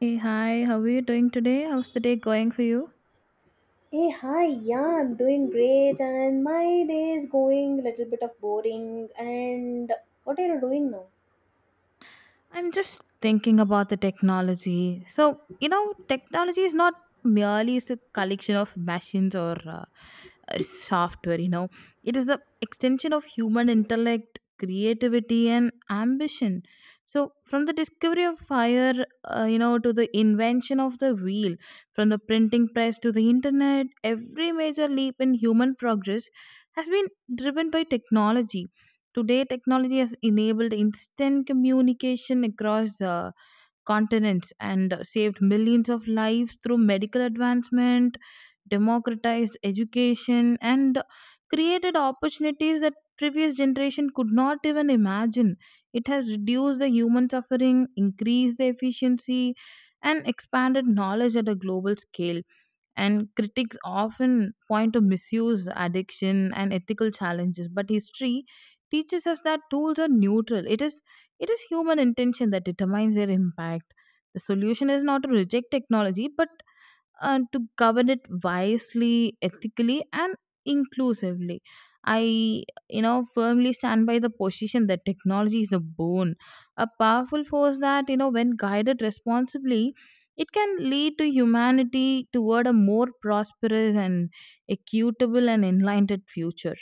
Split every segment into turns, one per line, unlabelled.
Hey, hi, how are you doing today? How's the day going for you?
Hey, hi, yeah, I'm doing great and my day is going a little bit of boring and what are you doing now?
I'm just thinking about the technology. So, you know, technology is not merely is a collection of machines or software, you know, it is the extension of human intellect, creativity, and ambition. So, from the discovery of fire, you know, to the invention of the wheel, from the printing press to the internet, every major leap in human progress has been driven by technology. Today, technology has enabled instant communication across continents and saved millions of lives through medical advancement, democratized education, and created opportunities that previous generation could not even imagine. It has reduced the human suffering, increased the efficiency, and expanded knowledge at a global scale. And critics often point to misuse, addiction, and ethical challenges. But history teaches us that tools are neutral. It is human intention that determines their impact. The solution is not to reject technology, but to govern it wisely, ethically, and inclusively. I, you know, firmly stand by the position that technology is a bone, a powerful force that, you know, when guided responsibly, it can lead to humanity toward a more prosperous and equitable and enlightened future.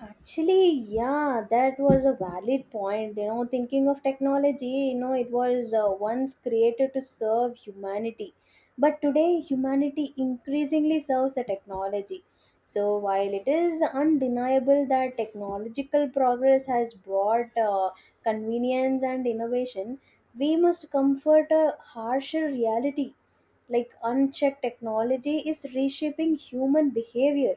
Actually, yeah, that was a valid point. Thinking of technology, it was once created to serve humanity. But today, humanity increasingly serves the technology. So, while it is undeniable that technological progress has brought convenience and innovation, we must comfort a harsher reality like unchecked technology is reshaping human behavior,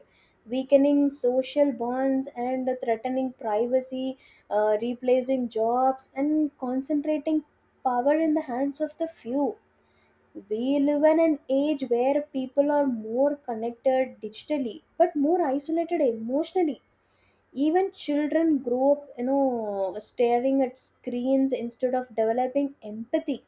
weakening social bonds, and threatening privacy, replacing jobs and concentrating power in the hands of the few. We live in an age where people are more connected digitally but more isolated emotionally. Even children grow up staring at screens instead of developing empathy,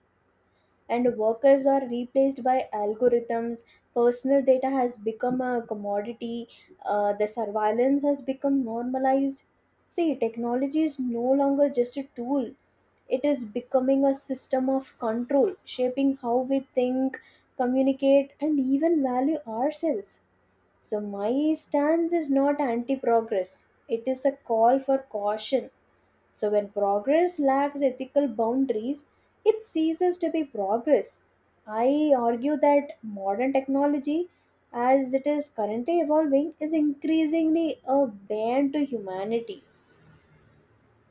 and workers are replaced by algorithms. Personal data has become a commodity. The surveillance has become normalized. See, technology is no longer just a tool, it is becoming a system of control, shaping how we think, communicate, and even value ourselves. So, my stance is not anti progress, it is a call for caution. So, when progress lacks ethical boundaries, it ceases to be progress. I argue that modern technology, as it is currently evolving, is increasingly a bane to humanity.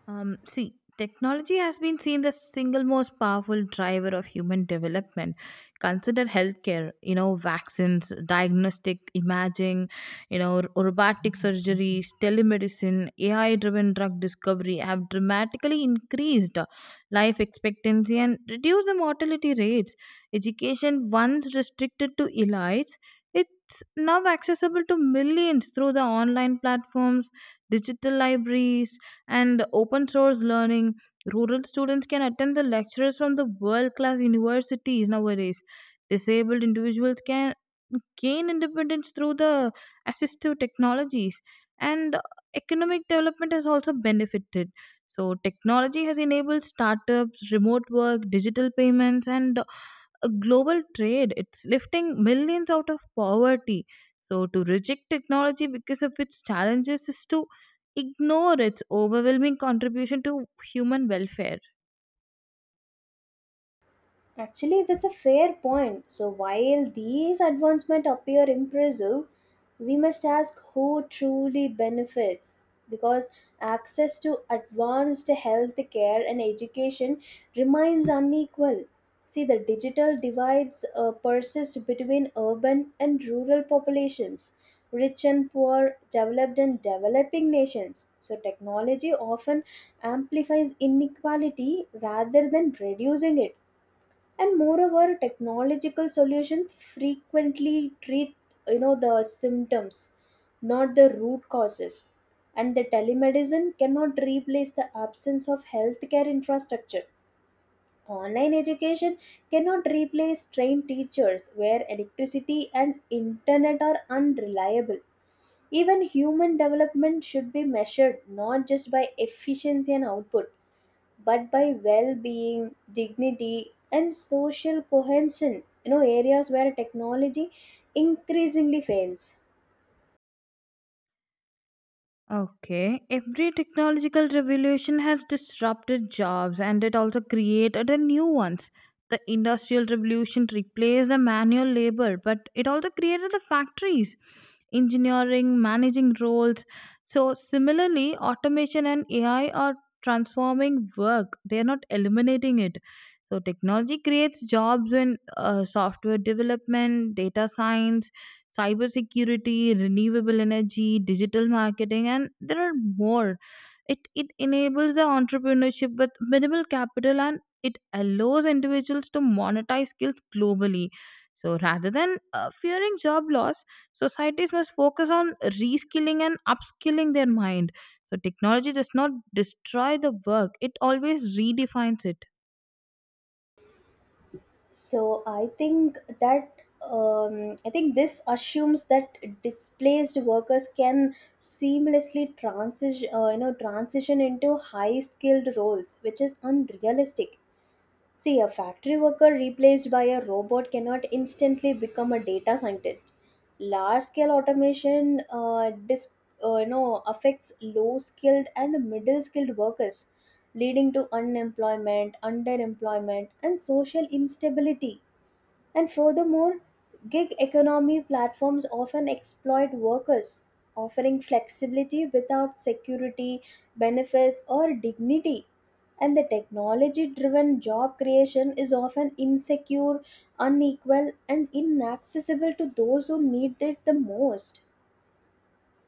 See, technology has been seen the single most powerful driver of human development. Consider healthcare, you know, vaccines, diagnostic imaging, you know, robotic surgeries, telemedicine, AI driven drug discovery have dramatically increased life expectancy and reduced the mortality rates. Education, once restricted to elites, it's now accessible to millions through the online platforms, digital libraries, and open source learning. Rural students can attend the lectures from the world class universities nowadays. Disabled individuals can gain independence through the assistive technologies, and economic development has also benefited. So technology has enabled startups, remote work, digital payments, and a global trade. It's lifting millions out of poverty. So to reject technology because of its challenges is to ignore its overwhelming contribution to human welfare.
Actually, that's a fair point. So, while these advancements appear impressive, we must ask who truly benefits, because access to advanced health care and education remains unequal. See, the digital divides persist between urban and rural populations, rich and poor, developed and developing nations. So, technology often amplifies inequality rather than reducing it. And moreover, technological solutions frequently treat the symptoms, not the root causes. And the telemedicine cannot replace the absence of healthcare infrastructure. Online education cannot replace trained teachers where electricity and internet are unreliable. Even human development should be measured not just by efficiency and output, but by well-being, dignity, and social cohesion, areas where technology increasingly fails.
Okay, every technological revolution has disrupted jobs and it also created a new ones. The industrial revolution replaced the manual labor, but it also created the factories, engineering, managing roles. So similarly, automation and AI are transforming work. They are not eliminating it. So technology creates jobs in software development, data science, cybersecurity, renewable energy, digital marketing, and there are more. It enables the entrepreneurship with minimal capital and it allows individuals to monetize skills globally. So rather than fearing job loss, societies must focus on reskilling and upskilling their mind. So technology does not destroy the work, it always redefines it.
So I think this assumes that displaced workers can seamlessly transition transition into high skilled roles, which is unrealistic. See, a factory worker replaced by a robot cannot instantly become a data scientist. Large scale automation affects low skilled and middle skilled workers, leading to unemployment, underemployment, and social instability. And furthermore, gig economy platforms often exploit workers, offering flexibility without security, benefits, or dignity. And the technology driven job creation is often insecure, unequal, and inaccessible to those who need it the most.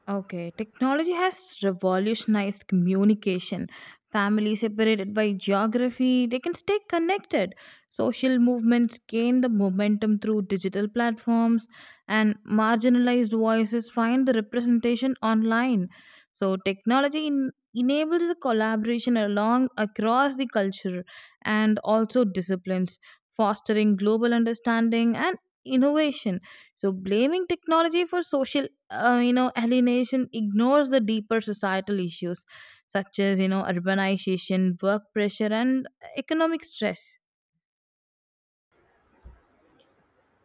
Okay, technology has revolutionized communication. Families separated by geography, they can stay connected. Social movements gain the momentum through digital platforms, and marginalized voices find the representation online. So, technology enables the collaboration along across the culture and also disciplines, fostering global understanding and innovation. So, blaming technology for social you know alienation ignores the deeper societal issues such as, you know, urbanization, work pressure, and economic stress.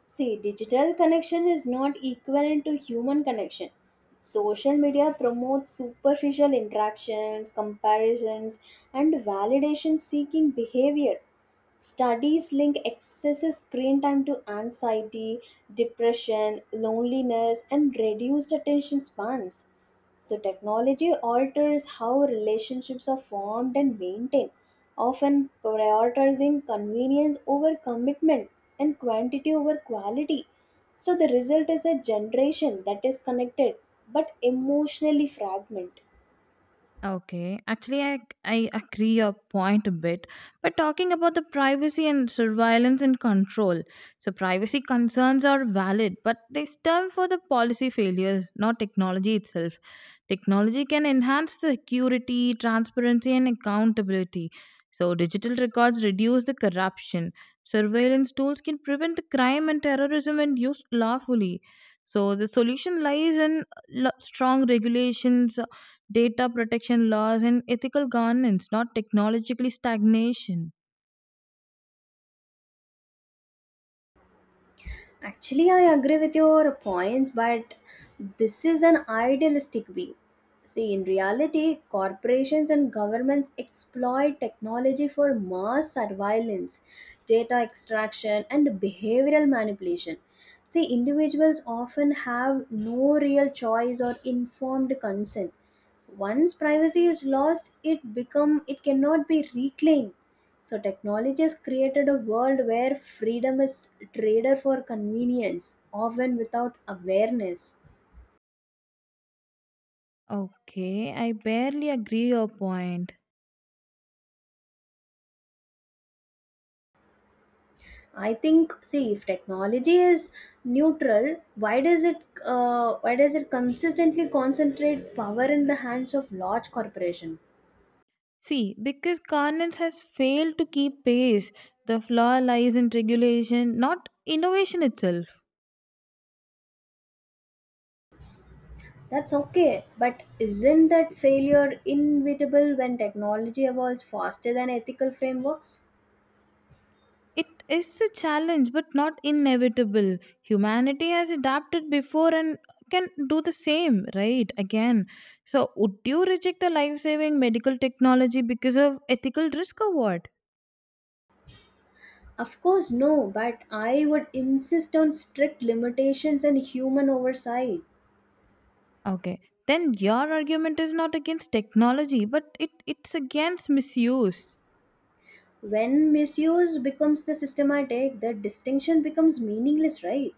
See, digital connection is not equivalent to human connection. Social media promotes superficial interactions, comparisons, and validation seeking behavior. Studies link excessive screen time to anxiety, depression, loneliness, and reduced attention spans. So, technology alters how relationships are formed and maintained, often prioritizing convenience over commitment and quantity over quality. So the result is a generation that is connected but emotionally fragmented.
Okay, actually, I agree your point a bit. But talking about the privacy and surveillance and control, so privacy concerns are valid, but they stem for the policy failures, not technology itself. Technology can enhance the security, transparency, and accountability. So digital records reduce the corruption. Surveillance tools can prevent the crime and terrorism when used lawfully. So the solution lies in strong regulations, data protection laws, and ethical governance, not technologically stagnation.
Actually, I agree with your points, but this is an idealistic view. See, in reality, corporations and governments exploit technology for mass surveillance, data extraction, and behavioral manipulation. See, individuals often have no real choice or informed consent. Once privacy is lost it cannot be reclaimed. So technology has created a world where freedom is traded for convenience, often without awareness.
Okay, I barely agree your point.
I think, see, if technology is neutral, why does it why does it consistently concentrate power in the hands of large corporation?
See, because governance has failed to keep pace, the flaw lies in regulation, not innovation itself.
That's okay, but isn't that failure inevitable when technology evolves faster than ethical frameworks?
It is a challenge, but not inevitable. Humanity has adapted before and can do the same, right? Again. So, would you reject the life saving medical technology because of ethical risk or what?
Of course, no, but I would insist on strict limitations and human oversight.
Okay. Then your argument is not against technology, but it's against misuse.
When misuse becomes the systematic, the distinction becomes meaningless, right?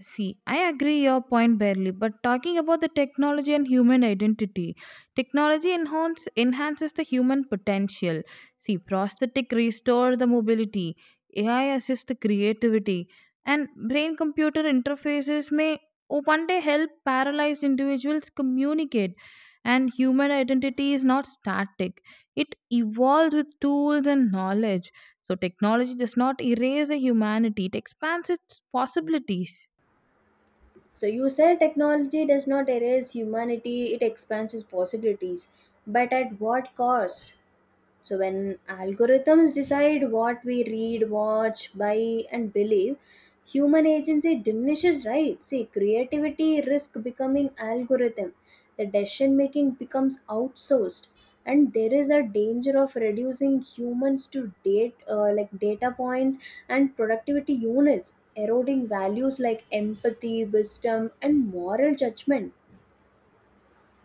See, I agree your point barely, but talking about the technology and human identity, technology enhances the human potential. See, prosthetic restore the mobility, AI assist the creativity, and brain-computer interfaces may one day help paralyzed individuals communicate. And human identity is not static; it evolves with tools and knowledge. So, technology does not erase the humanity; it expands its possibilities.
So you said technology does not erase humanity, it expands its possibilities. But at what cost? So when algorithms decide what we read, watch, buy, and believe, human agency diminishes, right? See, creativity risk becoming algorithm. The decision making becomes outsourced, and there is a danger of reducing humans to date like data points and productivity units, eroding values like empathy, wisdom, and moral judgment.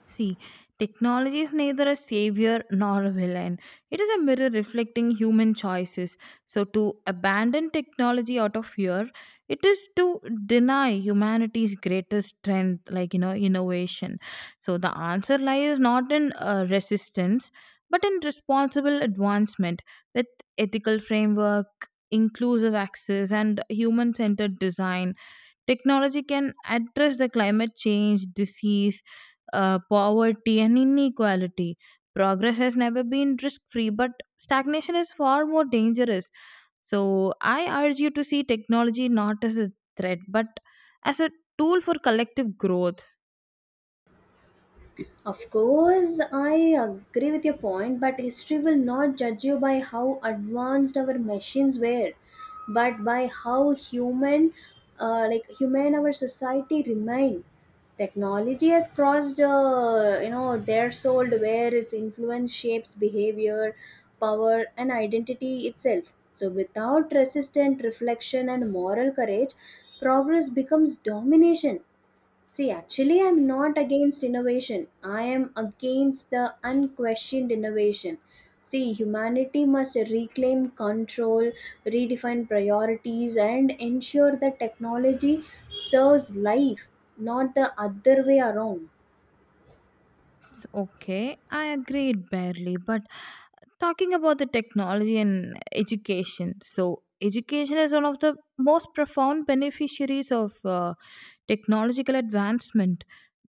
See, technology is neither a savior nor a villain. It is a mirror reflecting human choices. So, to abandon technology out of fear, it is to deny humanity's greatest strength, like, you know, innovation. So, the answer lies not in resistance, but in responsible advancement with ethical framework, inclusive access, and human centered design. Technology can address the climate change, disease, poverty, and inequality. Progress has never been risk free, but stagnation is far more dangerous. So, I urge you to see technology not as a threat, but as a tool for collective growth.
Of course, I agree with your point, but history will not judge you by how advanced our machines were, but by how human, human, our society remained. Technology has crossed, threshold where its influence shapes behavior, power, and identity itself. So, without resistant reflection and moral courage, progress becomes domination. See, actually, I'm not against innovation. I am against the unquestioned innovation. See, humanity must reclaim control, redefine priorities, and ensure that technology serves life, not the other way around.
Okay, I agreed barely, but talking about the technology and education, so education is one of the most profound beneficiaries of technological advancement.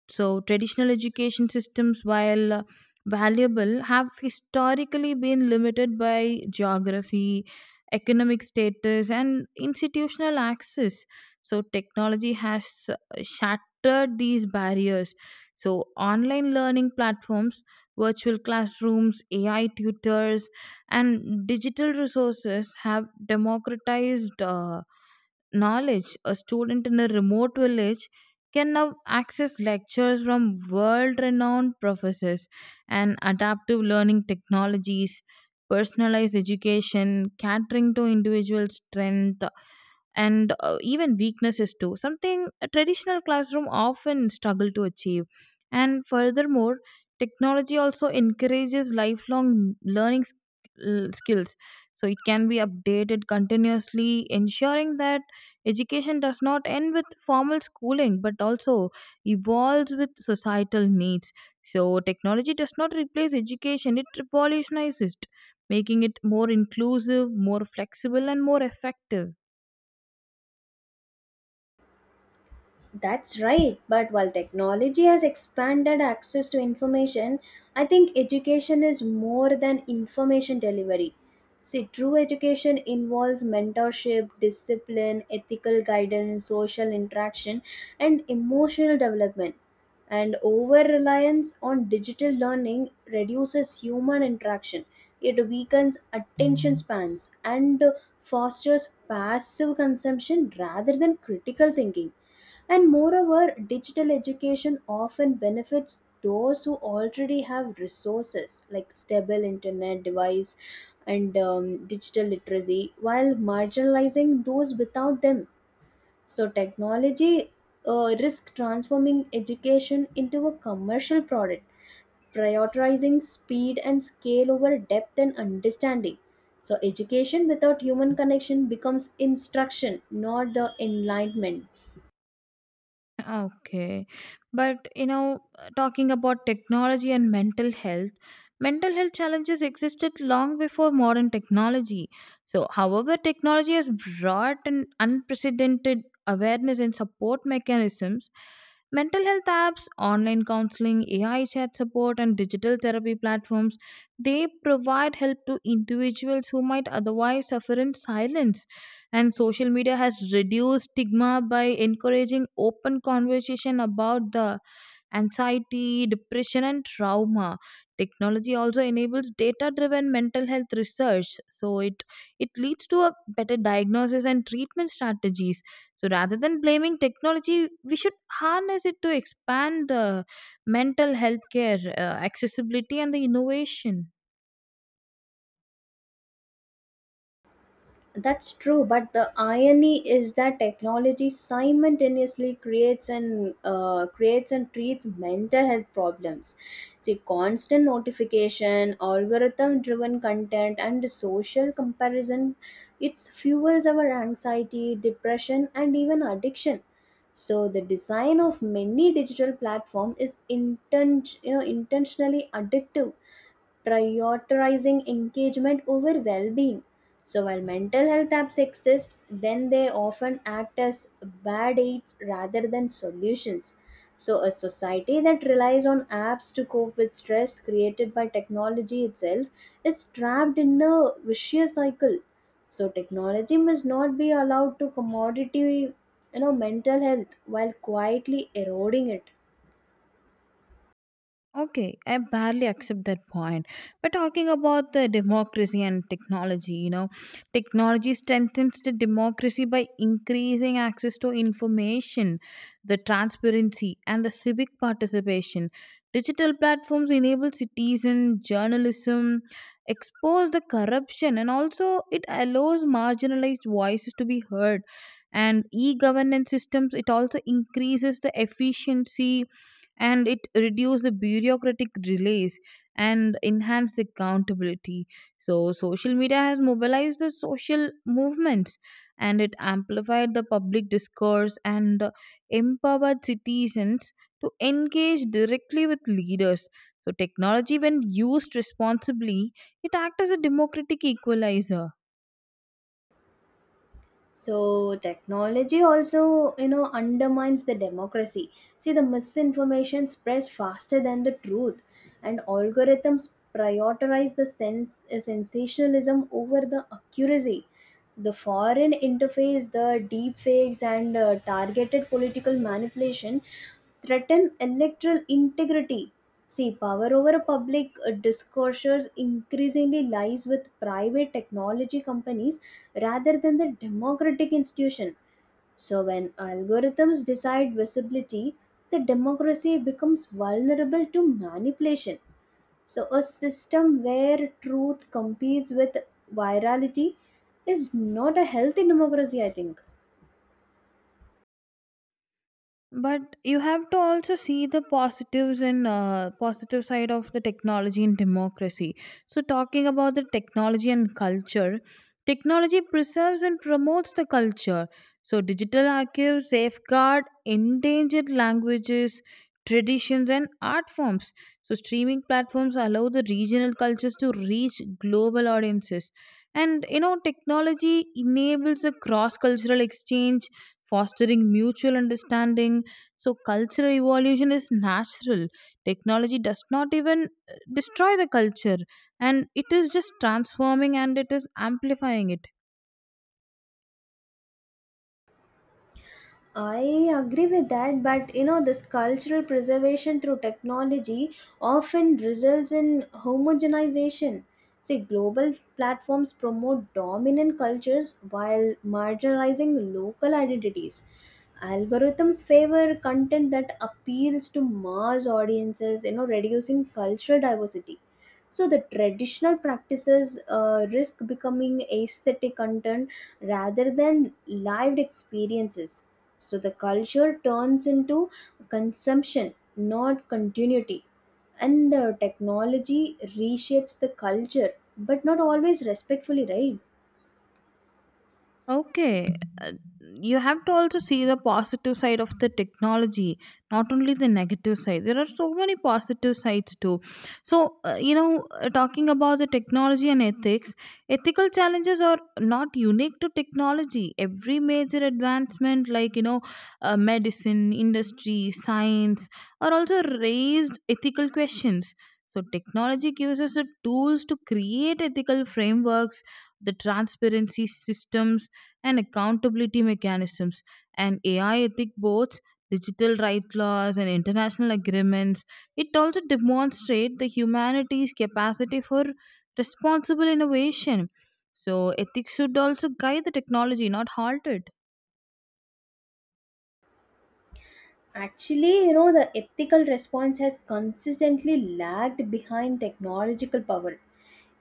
So traditional education systems, while valuable, have historically been limited by geography, economic status, and institutional access. So technology has shattered these barriers. So online learning platforms, virtual classrooms, AI tutors, and digital resources have democratized knowledge. A student in a remote village can now access lectures from world renowned professors, and adaptive learning technologies, personalized education, catering to individual strength, and even weaknesses too, something a traditional classroom often struggle to achieve. And furthermore, technology also encourages lifelong learning skills, so it can be updated continuously, ensuring that education does not end with formal schooling but also evolves with societal needs. So technology does not replace education, it revolutionizes it, making it more inclusive, more flexible, and more effective.
That's right. But while technology has expanded access to information, I think education is more than information delivery. See, true education involves mentorship, discipline, ethical guidance, social interaction, and emotional development. And over reliance on digital learning reduces human interaction. It weakens attention spans and fosters passive consumption rather than critical thinking. And moreover, digital education often benefits those who already have resources like stable internet device and digital literacy, while marginalizing those without them. So, technology risk transforming education into a commercial product, prioritizing speed and scale over depth and understanding. So, education without human connection becomes instruction, not the enlightenment.
Okay. But, you know, talking about technology and mental health challenges existed long before modern technology. So, however, technology has brought an unprecedented awareness and support mechanisms. Mental health apps, online counseling, AI chat support, and digital therapy platforms, they provide help to individuals who might otherwise suffer in silence. And social media has reduced stigma by encouraging open conversation about the anxiety, depression, and trauma. Technology also enables data driven mental health research, so it leads to a better diagnosis and treatment strategies. So rather than blaming technology, we should harness it to expand the mental health care, accessibility, and the innovation.
That's true, but the irony is that technology simultaneously creates and treats mental health problems. See, constant notification, algorithm-driven content, and social comparison, it fuels our anxiety, depression, and even addiction. So, the design of many digital platform is intentionally addictive, prioritizing engagement over well being. So, while mental health apps exist, then they often act as bad aids rather than solutions. So, a society that relies on apps to cope with stress created by technology itself is trapped in a vicious cycle. So, technology must not be allowed to commodity, mental health while quietly eroding it.
Okay, I barely accept that point. But talking about the democracy and technology, you know, technology strengthens the democracy by increasing access to information, the transparency, and the civic participation. Digital platforms enable citizen journalism, expose the corruption, and also it allows marginalized voices to be heard. And e governance systems, it also increases the efficiency and it reduce the bureaucratic delays and enhance the accountability. So social media has mobilized the social movements, and it amplified the public discourse, and empowered citizens to engage directly with leaders. So technology, when used responsibly, it acts as a democratic equalizer.
So technology also undermines the democracy. See, the misinformation spreads faster than the truth, and algorithms prioritize the sense sensationalism over the accuracy. The foreign interface, the deep fakes, and targeted political manipulation threaten electoral integrity. See, power over public discourses increasingly lies with private technology companies rather than the democratic institution. So, when algorithms decide visibility, the democracy becomes vulnerable to manipulation. So, a system where truth competes with virality is not a healthy democracy, I think.
But you have to also see the positives and positive side of the technology and democracy. So talking about the technology and culture, technology preserves and promotes the culture. So digital archives safeguard endangered languages, traditions, and art forms. So streaming platforms allow the regional cultures to reach global audiences, and you know, technology enables a cross cultural exchange, fostering mutual understanding. So cultural evolution is natural. Technology does not even destroy the culture, and it is just transforming and it is amplifying it.
I agree with that, but this cultural preservation through technology often results in homogenization. See, global platforms promote dominant cultures while marginalizing local identities. Algorithms favor content that appeals to mass audiences, reducing cultural diversity. So, the traditional practices risk becoming aesthetic content rather than lived experiences. So the culture turns into consumption, not continuity. And the technology reshapes the culture, but not always respectfully, right?
Okay, uh, you have to also see the positive side of the technology, not only the negative side. There are so many positive sides too. So, talking about the technology and ethics, ethical challenges are not unique to technology. Every major advancement, like, you know, medicine, industry, science, are also raised ethical questions. So, technology gives us the tools to create ethical frameworks, the transparency systems, and accountability mechanisms. And AI ethic boards, digital right laws, and international agreements. It also demonstrates the humanity's capacity for responsible innovation. So ethics should also guide the technology, not halt it.
Actually, the ethical response has consistently lagged behind technological power.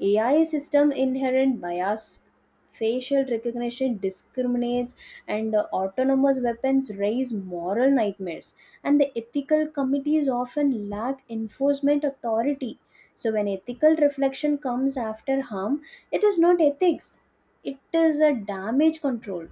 AI system inherent bias, facial recognition discriminates, and autonomous weapons raise moral nightmares. And the ethical committees often lack enforcement authority. So, when ethical reflection comes after harm, it is not ethics, it is a damage control.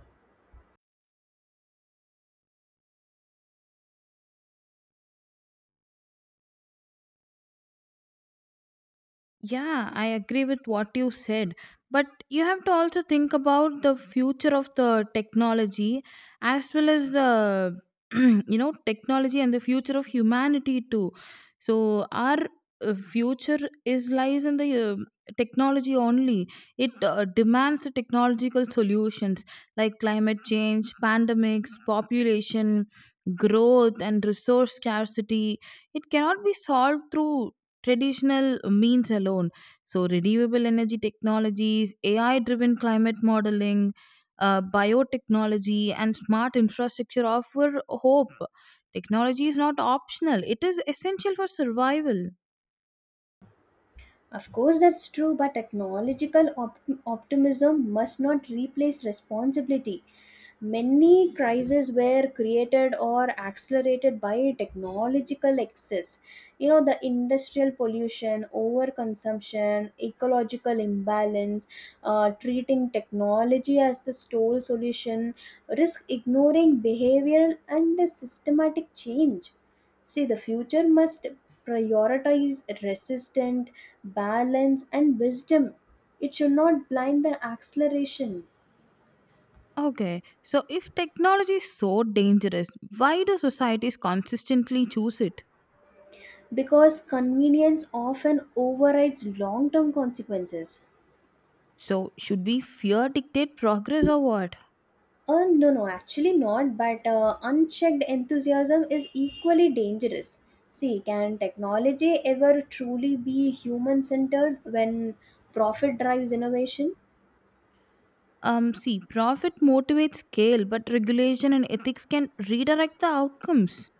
Yeah, I agree with what you said. But you have to also think about the future of the technology as well as the, you know, technology and the future of humanity too. So, our future is lies in the technology only. It demands the technological solutions like climate change, pandemics, population growth, and resource scarcity. It cannot be solved through traditional means alone. So, renewable energy technologies, AI driven climate modeling, biotechnology, and smart infrastructure offer hope. Technology is not optional, it is essential for survival.
Of course, that's true, but optimism must not replace responsibility. Many crises were created or accelerated by technological excess. The industrial pollution, overconsumption, ecological imbalance, treating technology as the sole solution, risk ignoring behavioral and systematic change. See, the future must prioritize resistant balance, and wisdom. It should not blind the acceleration
Okay, so if technology is so dangerous, why do societies consistently choose it?
because convenience often overrides long term consequences.
So, should we fear dictate progress or what?
No, no, actually not, but unchecked enthusiasm is equally dangerous. See, can technology ever truly be human centered when profit drives innovation?
See, profit motivates scale, but regulation and ethics can redirect the outcomes.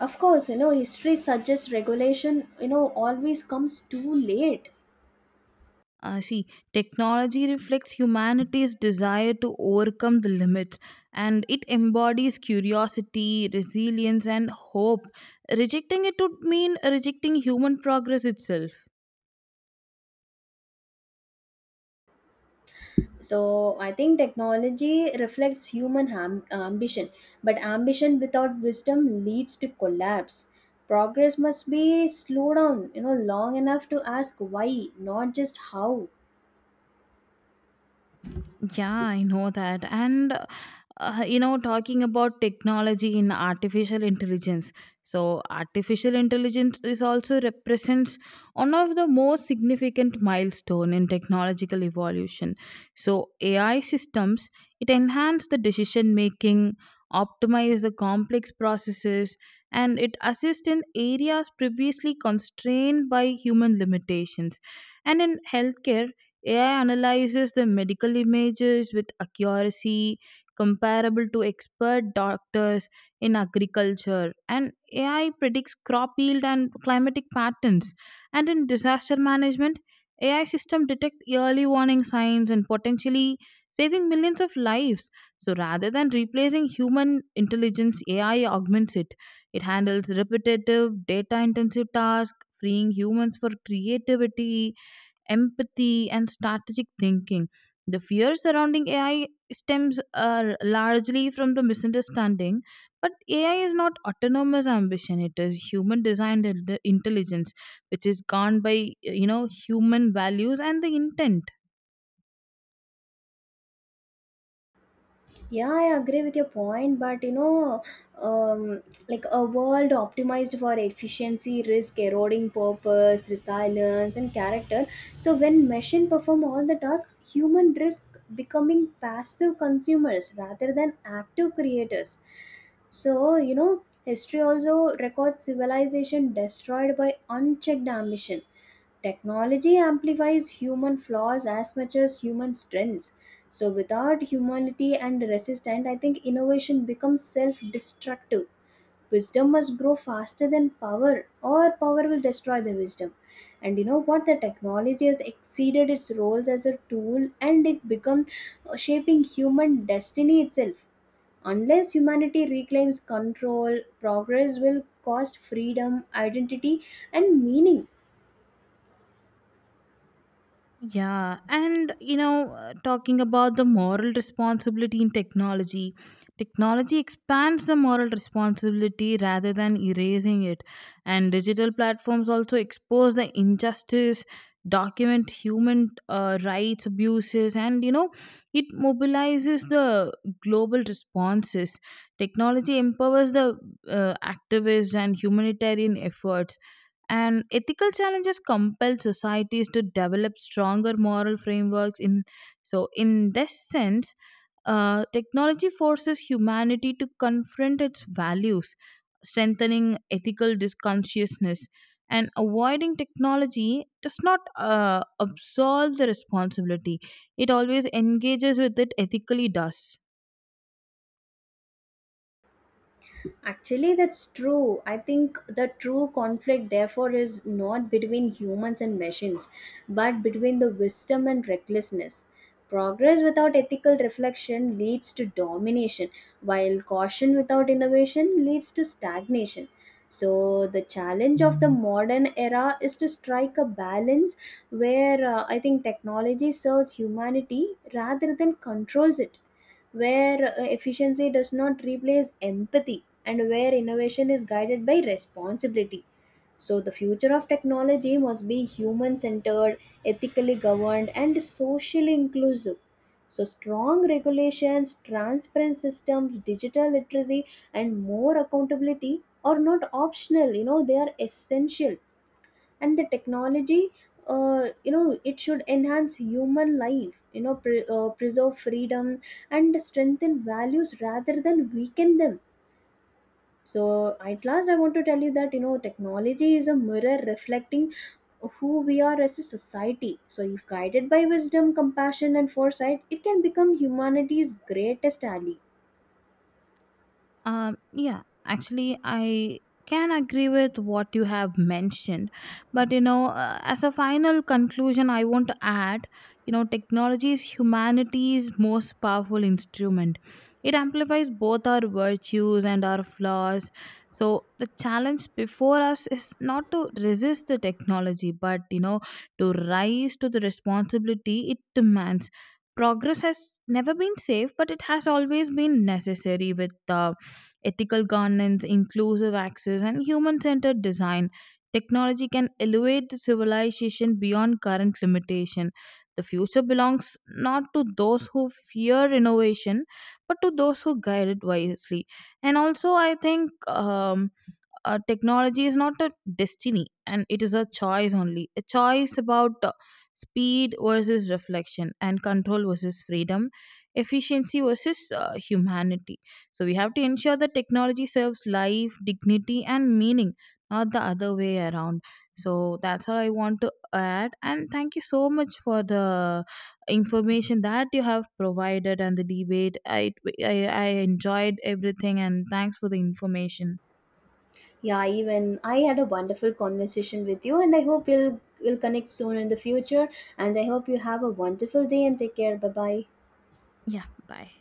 Of course, history suggests regulation, always comes too late.
See, technology reflects humanity's desire to overcome the limits, and it embodies curiosity, resilience, and hope. Rejecting it would mean rejecting human progress itself.
So I think technology reflects ambition, but ambition without wisdom leads to collapse. Progress must be slowed down, long enough to ask why, not just how.
Yeah, I know that. And, you know, talking about technology in artificial intelligence. So, artificial intelligence is also represents one of the most significant milestone in technological evolution. So, AI systems, it enhance the decision making, optimize the complex processes, and it assists in areas previously constrained by human limitations. And in healthcare, AI analyzes the medical images with accuracy comparable to expert doctors in agriculture. And AI predicts crop yield and climatic patterns. And in disaster management, AI system detect early warning signs and potentially saving millions of lives. So rather than replacing human intelligence, AI augments it. It handles repetitive, data intensive tasks, freeing humans for creativity, empathy, and strategic thinking. The fear surrounding AI stems largely from the misunderstanding, but AI is not autonomous ambition. It is human designed intelligence, which is governed by, you know, human values and the intent.
Yeah, I agree with your point, but um, like a world optimized for efficiency, risk, eroding purpose, resilience, and character. So when machine perform all the tasks, human risk becoming passive consumers rather than active creators. So history also records civilization destroyed by unchecked ambition. Technology amplifies human flaws as much as human strengths. So, without humility and resistance, I think innovation becomes self destructive. Wisdom must grow faster than power, or power will destroy the wisdom. And you know what? The technology has exceeded its roles as a tool and it become shaping human destiny itself. Unless humanity reclaims control, progress will cost freedom, identity, and meaning.
Yeah, and you know, talking about the moral responsibility in technology, technology expands the moral responsibility rather than erasing it. And digital platforms also expose the injustice, document human rights abuses, and you know, it mobilizes the global responses. Technology empowers the uh, activists and humanitarian efforts, and ethical challenges compel societies to develop stronger moral frameworks. In so, in this sense, technology forces humanity to confront its values, strengthening ethical consciousness. And avoiding technology does not absolve the responsibility; it always engages with it ethically. Does
Actually, that's true. I think the true conflict, therefore, is not between humans and machines, but between the wisdom and recklessness. Progress without ethical reflection leads to domination, while caution without innovation leads to stagnation. So, the challenge of the modern era is to strike a balance where I think technology serves humanity rather than controls it, where efficiency does not replace empathy, and where innovation is guided by responsibility. So, the future of technology must be human centered, ethically governed, and socially inclusive. So, strong regulations, transparent systems, digital literacy, and more accountability are not optional, they are essential. And the technology, it should enhance human life, preserve freedom, and strengthen values rather than weaken them. So at last, I want to tell you that technology is a mirror reflecting who we are as a society. So if guided by wisdom, compassion, and foresight, it can become humanity's greatest ally.
Yeah, actually, I can agree with what you have mentioned, but you know, as a final conclusion, I want to add, you know, technology is humanity's most powerful instrument. It amplifies both our virtues and our flaws. So the challenge before us is not to resist the technology, but you know, to rise to the responsibility it demands. Progress has never been safe, but it has always been necessary with ethical governance, inclusive access, and human centered design. Technology can elevate the civilization beyond current limitation. The future belongs not to those who fear innovation, but to those who guide it wisely. And also, I think. Technology is not a destiny, and it is a choice, only a choice about speed versus reflection, and control versus freedom, efficiency versus humanity. So we have to ensure that technology serves life, dignity, and meaning, not the other way around. So that's all I want to add, and thank you so much for the information that you have provided and the debate. I enjoyed everything, and thanks for the information.
Yeah, even I had a wonderful conversation with you, and I hope we'll connect soon in the future. And I hope you have a wonderful day and take care. Bye bye.
Yeah, bye.